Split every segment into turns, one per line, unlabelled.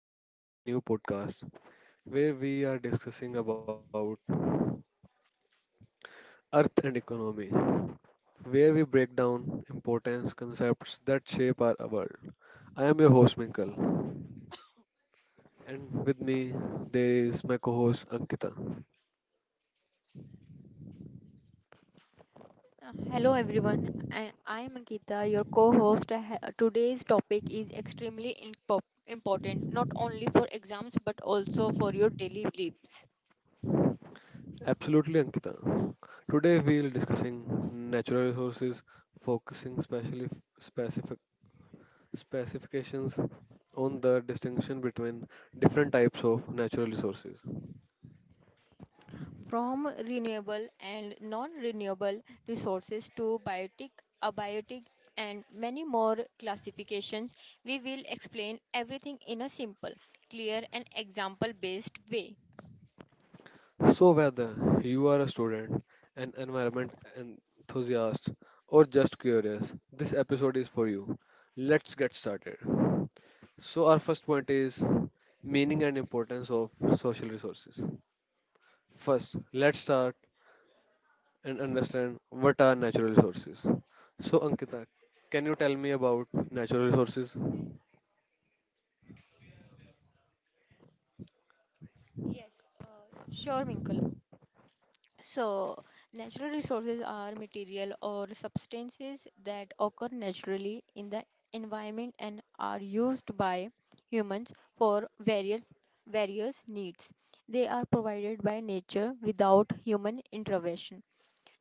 welcome to our new podcast where we are discussing about earth and economy where we break down importance concepts that shape our world. I am your host Minkal and with me there is my co-host Ankita.
Hello everyone, I am Ankita, your co-host. Today's topic is extremely important, not only for exams but also for your daily lives.
Absolutely, Ankita. Today we will discussing natural resources, focusing specially specific specifications on the distinction between different types of natural resources.
From renewable and non-renewable resources to biotic, abiotic, and many more classifications, we will explain everything in a simple, clear, and example-based way.
So, whether you are a student, an environment enthusiast, or just curious, this episode is for you. Let's get started. So, our first point is meaning and importance of social resources. First, let's start and understand what are natural resources. So, Ankita, can you tell me about natural resources?
Yes, sure, Minkle. So, natural resources are material or substances that occur naturally in the environment and are used by humans for various needs. They are provided by nature without human intervention.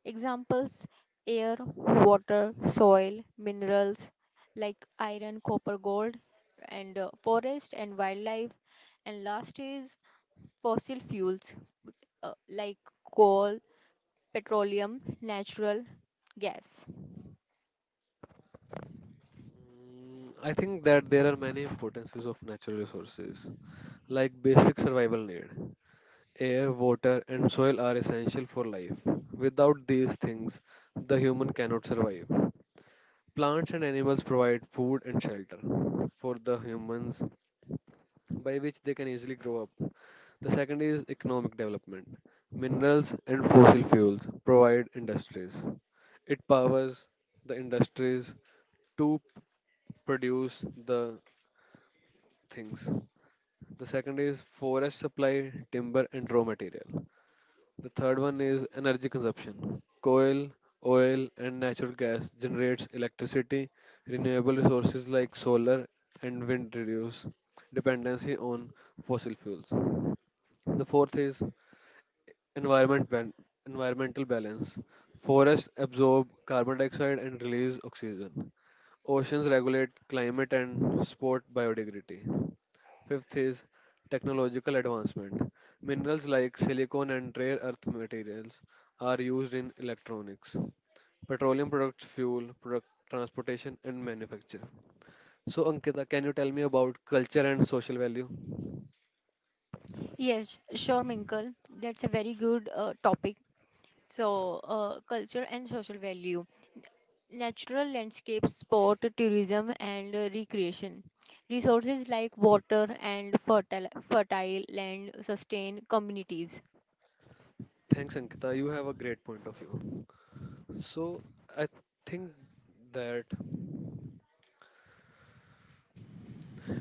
Examples: air, water, soil, minerals like iron, copper, gold, and forest and wildlife. And last is fossil fuels like coal, petroleum, natural gas.
Mm, I think that there are many importances of natural resources, like basic survival need. Air, water, and soil are essential for life. Without these things, the human cannot survive. Plants and animals provide food and shelter for the humans, by which they can easily grow up. The second is economic development. Minerals and fossil fuels provide industries. It powers the industries to produce the things. The second is forest supply, timber, and raw material. The third one is energy consumption. Coal, oil, and natural gas generates electricity. Renewable resources like solar and wind reduce dependency on fossil fuels. The fourth is environment ban- environmental balance. Forests absorb carbon dioxide and release oxygen. Oceans regulate climate and support biodiversity. Fifth is technological advancement. Minerals like silicon and rare earth materials are used in electronics, petroleum products, fuel, product transportation, and manufacture. So, Ankita, can you tell me about culture and social value?
Yes, sure, Minkle. That's a very good topic. So, culture and social value, natural landscape, sport, tourism, and recreation. Resources like water and fertile land sustain communities.
Thanks, Ankita. You have a great point of view. So, I think that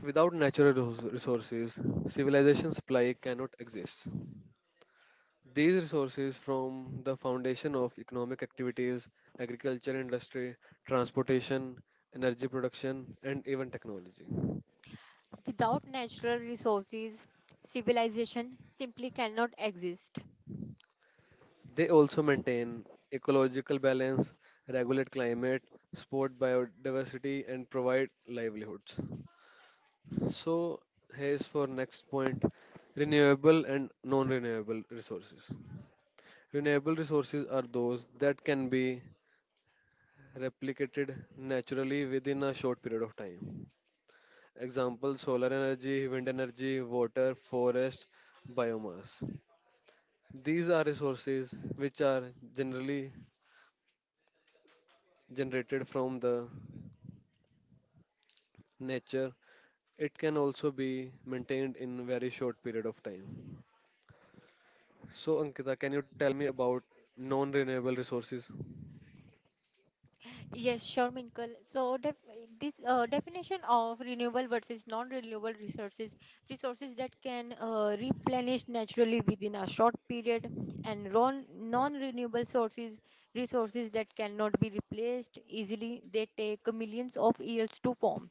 without natural resources, civilizations supply cannot exist. These resources form the foundation of economic activities, agriculture, industry, transportation, energy production, and even technology.
Without natural resources, civilization simply cannot exist.
They also maintain ecological balance, regulate climate, support biodiversity, and provide livelihoods. So, here's for next point, renewable and non renewable resources. Renewable resources are those that can be replicated naturally within a short period of time. Example, solar energy, wind energy, water, forest, biomass. These are resources which are generally generated from the nature. It can also be maintained in very short period of time. So, Ankita, can you tell me about non-renewable resources?
Yes, sure, Minkle. So def this definition of renewable versus non-renewable resources, resources that can replenish naturally within a short period, and non-renewable sources, resources that cannot be replaced easily. They take millions of years to form.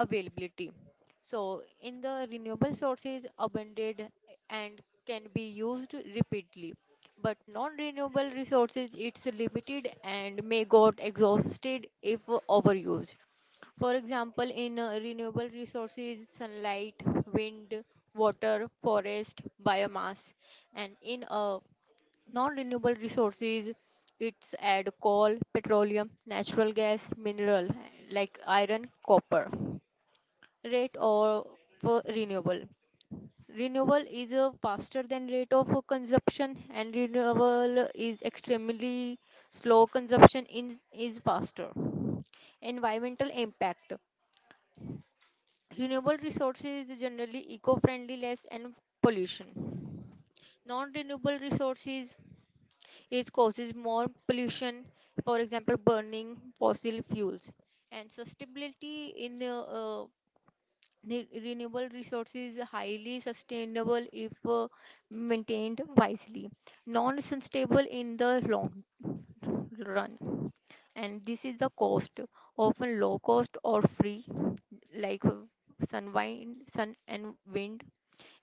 Availability. So in the renewable sources, abundant and can be used repeatedly, but non-renewable resources, it's limited and may get exhausted if overused. For example, in renewable resources: sunlight, wind, water, forest, biomass, and in non-renewable resources, it's add coal, petroleum, natural gas, mineral like iron, copper, rate or. For renewable, renewal is faster than rate of consumption, and renewal is extremely slow, consumption is faster. Environmental impact: renewable resources is generally eco-friendly, less and pollution. Non-renewable resources is causes more pollution, for example burning fossil fuels. And sustainability in uh, Ne- renewable resources highly sustainable if maintained wisely, non-sustainable in the long run. And this is the cost, often low cost or free, like sun and wind.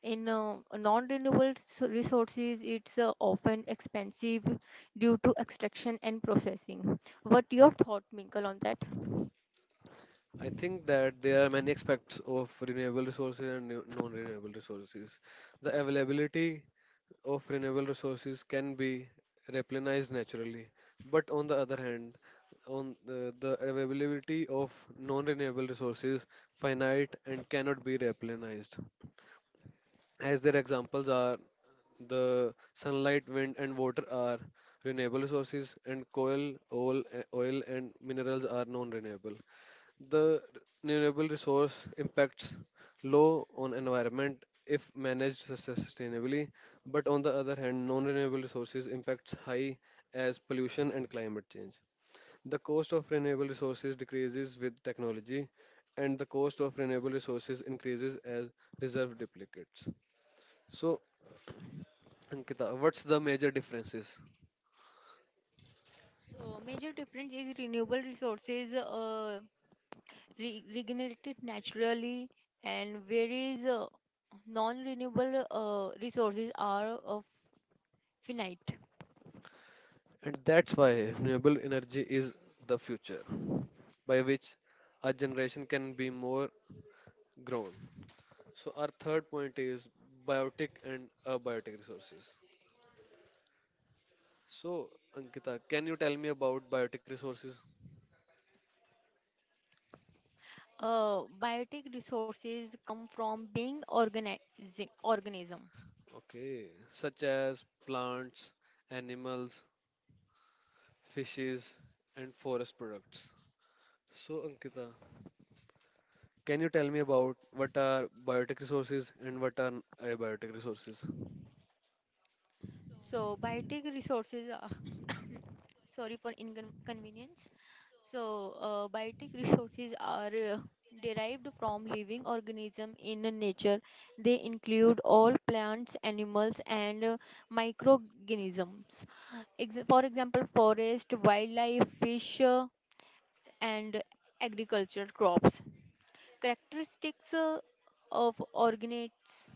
In non-renewable resources, it's often expensive due to extraction and processing. What your thought, Minkle, on that?
I think that there are many aspects of renewable resources and non renewable resources. The availability of renewable resources can be replenished naturally. But on the other hand, the availability of non-renewable resources finite and cannot be replenished, as their examples are the sunlight, wind, and water are renewable resources, and coal, oil and minerals are non-renewable. The renewable resource impacts low on environment if managed sustainably, but on the other hand, non-renewable resources impacts high as pollution and climate change. The cost of renewable resources decreases with technology, and the cost of renewable resources increases as reserve duplicates. So, Ankita, what's the major differences?
So major difference is renewable resources regenerated naturally, and whereas non-renewable resources are finite.
And that's why renewable energy is the future, by which our generation can be more grown. So, our third point is biotic and abiotic resources. So, Ankita, can you tell me about biotic resources?
Biotic resources come from being organizing organism.
Okay, such as plants, animals, fishes, and forest products. So, Ankita, can you tell me about what are biotic resources and what are abiotic resources?
So biotic resources are, sorry for inconvenience. So biotic resources are uh, derived from living organism in nature. They include all plants, animals, and microorganisms. For example, forest, wildlife, fish, and agriculture crops. Characteristics of organates.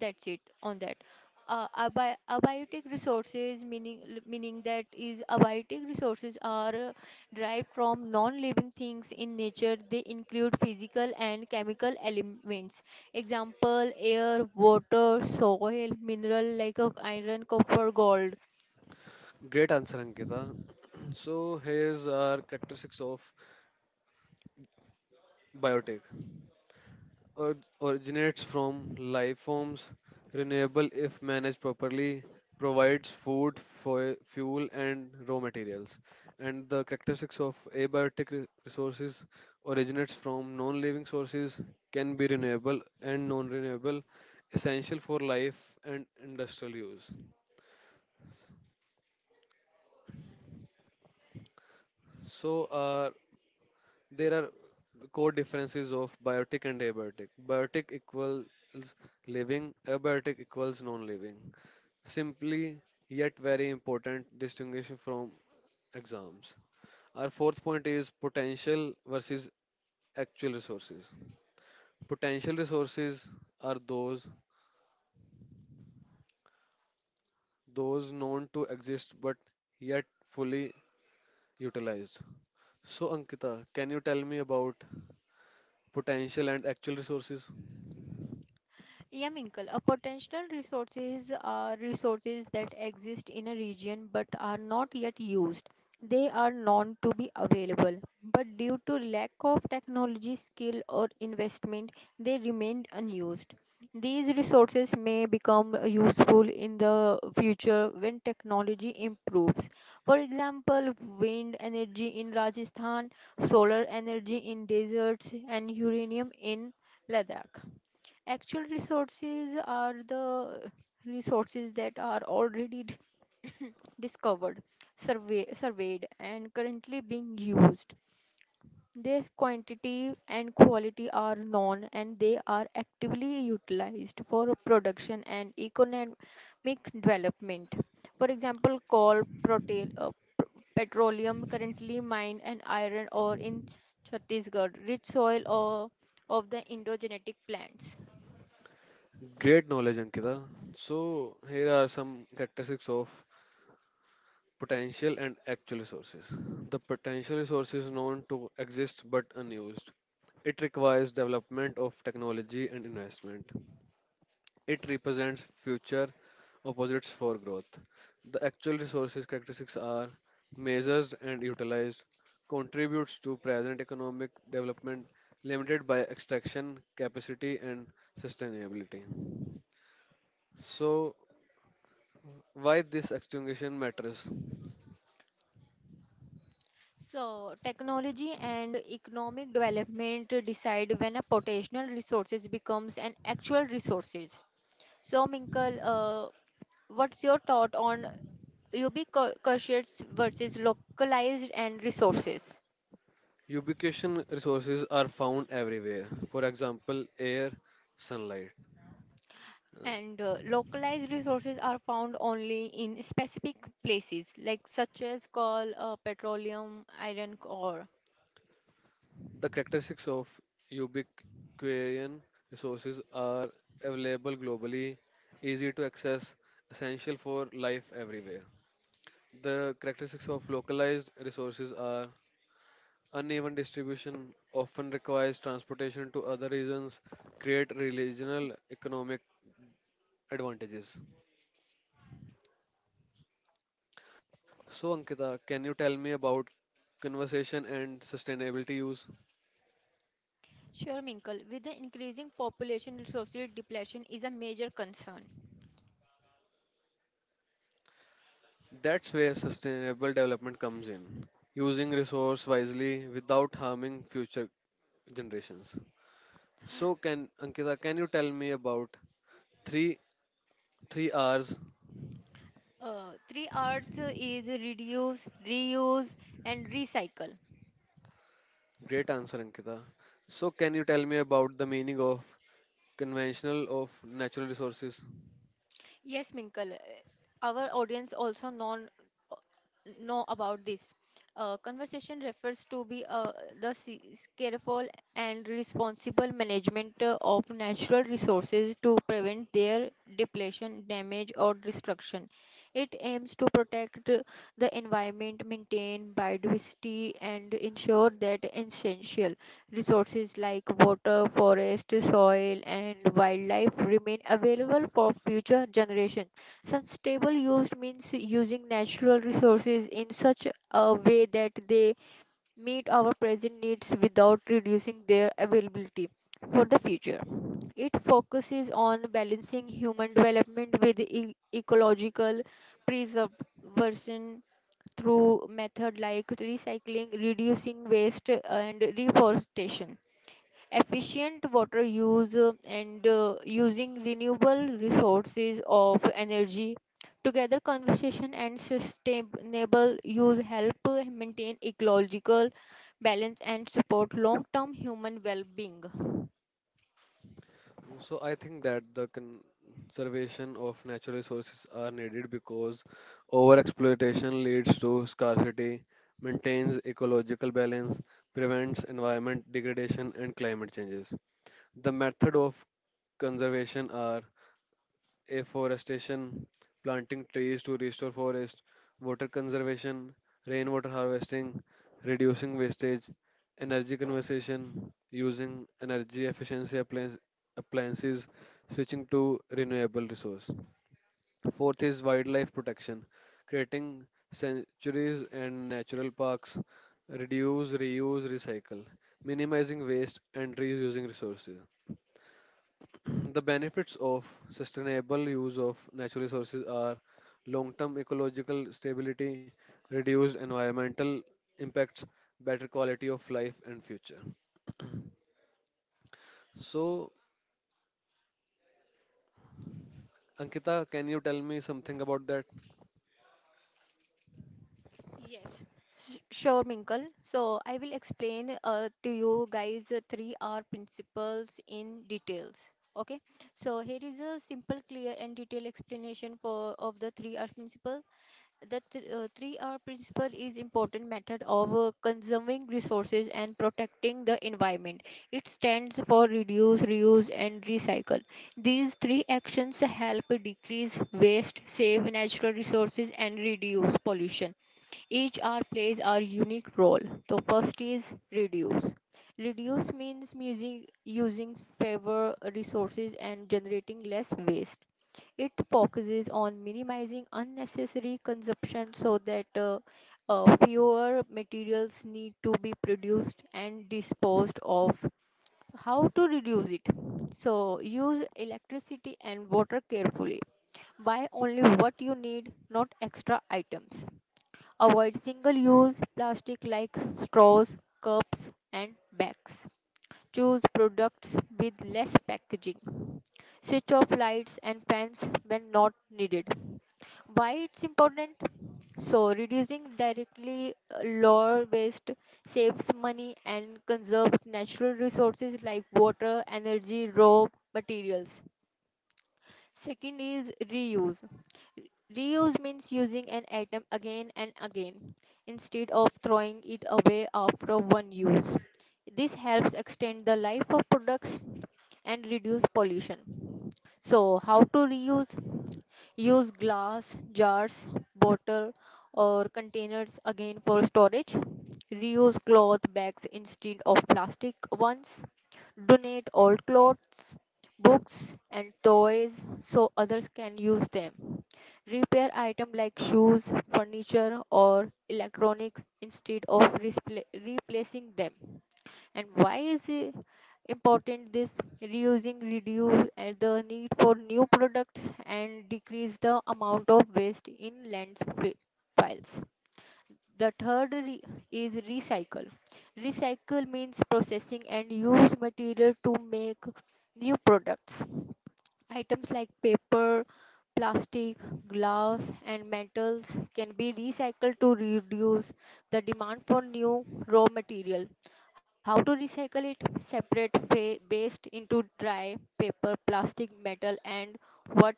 That's it on that. Abiotic resources meaning meaning that is abiotic resources are derived from non-living things in nature. They include physical and chemical elements. Example: air, water, soil, mineral like iron, copper, gold.
Great answer, Ankita. So here's our characteristics of biotech. Originates from life forms, renewable if managed properly, provides food, fuel, and raw materials. And the characteristics of resources originates from non-living sources, can be renewable and non-renewable, essential for life and industrial use. So our There are core differences of biotic and abiotic. Biotic equals living, abiotic equals non-living. Simply yet very important distinguishing from exams. Our fourth point is potential versus actual resources. Potential resources are those known to exist but yet fully utilized. So, Ankita, can you tell me about potential and actual resources?
Yaminkal, a potential resources are resources that exist in a region but are not yet used. They are known to be available, but due to lack of technology, skill, or investment, they remain unused. These resources may become useful in the future when technology improves. For example, wind energy in Rajasthan, solar energy in deserts, and uranium in Ladakh. Actual resources are the resources that are already discovered, survey, surveyed, and currently being used. Their quantity and quality are known and they are actively utilized for production and economic development. For example, coal, pr- petroleum currently mined, and iron ore in Chhattisgarh, rich soil or of the endogenetic plants.
Great knowledge, Ankita. So, here are some characteristics of potential and actual resources. The potential resource is known to exist but unused. It requires development of technology and investment. It represents future opposites for growth. The actual resources characteristics are measured and utilized, contributes to present economic development, limited by extraction capacity and sustainability. So, why this extinction matters?
So, technology and economic development decide when a potential resources becomes an actual resources. So, Minkle, what's your thought on ubiquitous versus localized and resources?
Ubication resources are found everywhere. For example, air, sunlight.
And localized resources are found only in specific places, like such as coal, petroleum, iron ore.
The characteristics of ubiquarian resources are available globally, easy to access, essential for life everywhere. The characteristics of localized resources are uneven distribution, often requires transportation to other regions, create regional economic advantages. So, Ankita, can you tell me about conservation and sustainability use?
Sure, Minkle. With the increasing population, resources depletion is a major concern.
That's where sustainable development comes in, using resource wisely without harming future generations. So, can Ankita, can you tell me about three three R's?
Three R's is reduce, reuse, and recycle.
Great answer, Ankita. So, can you tell me about the meaning of conventional of natural resources?
Yes, Minkle, our audience also non know about this. Conversation refers to be the careful and responsible management of natural resources to prevent their depletion, damage, or destruction. It aims to protect the environment, maintain biodiversity, and ensure that essential resources like water, forest, soil, and wildlife remain available for future generations. Sustainable use means using natural resources in such a way that they meet our present needs without reducing their availability for the future. It focuses on balancing human development with ecological preservation through methods like recycling, reducing waste, and reforestation, efficient water use and using renewable resources of energy. Together conservation and sustainable use help maintain ecological balance and support long term human well being.
So I think that the conservation of natural resources are needed because overexploitation leads to scarcity, maintains ecological balance, prevents environment degradation and climate changes. The method of conservation are afforestation, planting trees to restore forest, water conservation, rainwater harvesting, reducing wastage, energy conservation, using energy efficiency appliances, switching to renewable resource. Fourth is wildlife protection, creating sanctuaries and natural parks, reduce, reuse, recycle, minimizing waste and reusing resources. The benefits of sustainable use of natural resources are long term ecological stability, reduced environmental impacts, better quality of life, and future. So, Ankita, can you tell me something about that?
Yes. Sure, Minkle. So I will explain to you guys three R principles in details. Okay. So here is a simple, clear, and detailed explanation for of the three R principles. The 3R principle is important method of conserving resources and protecting the environment. It stands for reduce, reuse and recycle. These three actions help decrease waste, save natural resources and reduce pollution. Each R plays our unique role. First is reduce. Reduce means music using fewer resources and generating less waste. It focuses on minimizing unnecessary consumption so that fewer materials need to be produced and disposed of. How to reduce it? So, use electricity and water carefully. Buy only what you need, not extra items. Avoid single use plastic like straws, cups, and bags. Choose products with less packaging. Switch off lights and fans when not needed. Why it's important? So, reducing directly lower waste, saves money and conserves natural resources like water, energy, raw materials. Second is reuse. Reuse means using an item again and again instead of throwing it away after one use. This helps extend the life of products and reduce pollution. So, how to reuse? Use glass, jars, bottle, or containers again for storage. Reuse cloth bags instead of plastic ones. Donate old clothes, books and toys so others can use them. Repair items like shoes, furniture or electronics instead of replacing them. And why is it important? This reusing reduce the need for new products and decrease the amount of waste in landfills. The third is recycle. Recycle means processing and use material to make new products. Items like paper, plastic, glass, and metals can be recycled to reduce the demand for new raw material. How to recycle it? Separate waste into dry, paper, plastic, metal, and what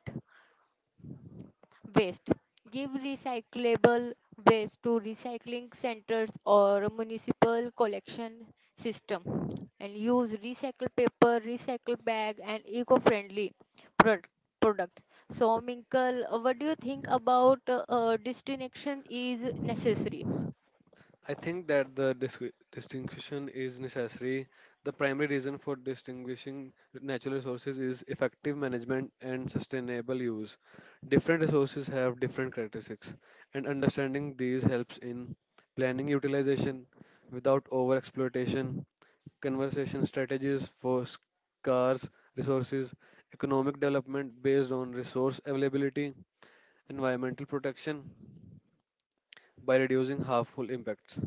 waste. Give recyclable waste to recycling centers or municipal collection system, and use recycled paper, recycled bag and eco-friendly product, products. So Minkle, what do you think about distinction is necessary?
I think that the distinction is necessary. The primary reason for distinguishing natural resources is effective management and sustainable use. Different resources have different characteristics, and understanding these helps in planning utilization without overexploitation, conservation strategies for scarce resources, economic development based on resource availability, environmental protection by reducing harmful impacts.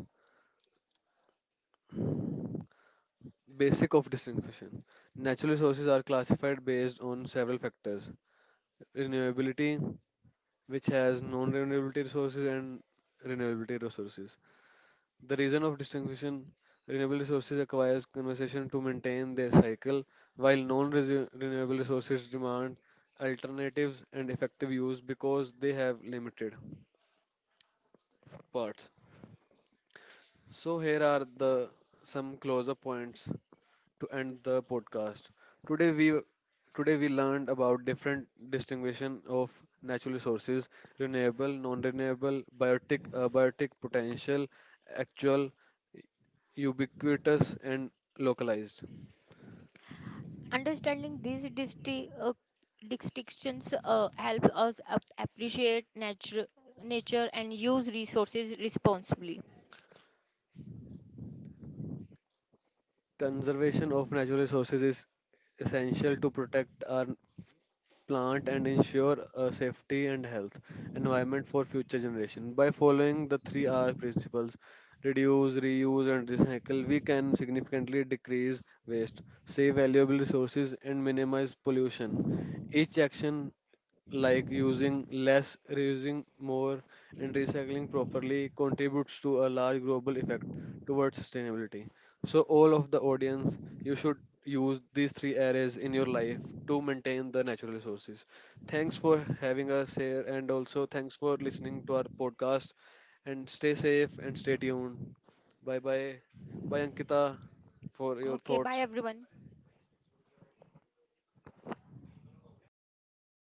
Basic of distinction. Natural resources are classified based on several factors. Renewability, which has non-renewability resources and renewability resources. The reason of distinction, renewable resources acquires conservation to maintain their cycle, while non-renewable resources demand alternatives and effective use because they have limited parts. So here are the some close-up points to end the podcast. Today we today we learned about different distinguishing of natural resources, renewable, non-renewable, biotic, abiotic, potential, actual, ubiquitous and localized.
Understanding these distinctions help us appreciate nature and use resources responsibly.
Conservation of natural resources is essential to protect our plant and ensure safety and health environment for future generation. By following the 3 r principles, reduce, reuse, and recycle, we can significantly decrease waste, save valuable resources and minimize pollution. Each action, like using less, reusing more, and recycling properly, contributes to a large global effect towards sustainability. So, all of the audience, you should use these three areas in your life to maintain the natural resources. Thanks for having us here, and also thanks for listening to our podcast. And stay safe and stay tuned. Bye bye. Bye, Ankita, for your
Okay, bye
thoughts.
everyone.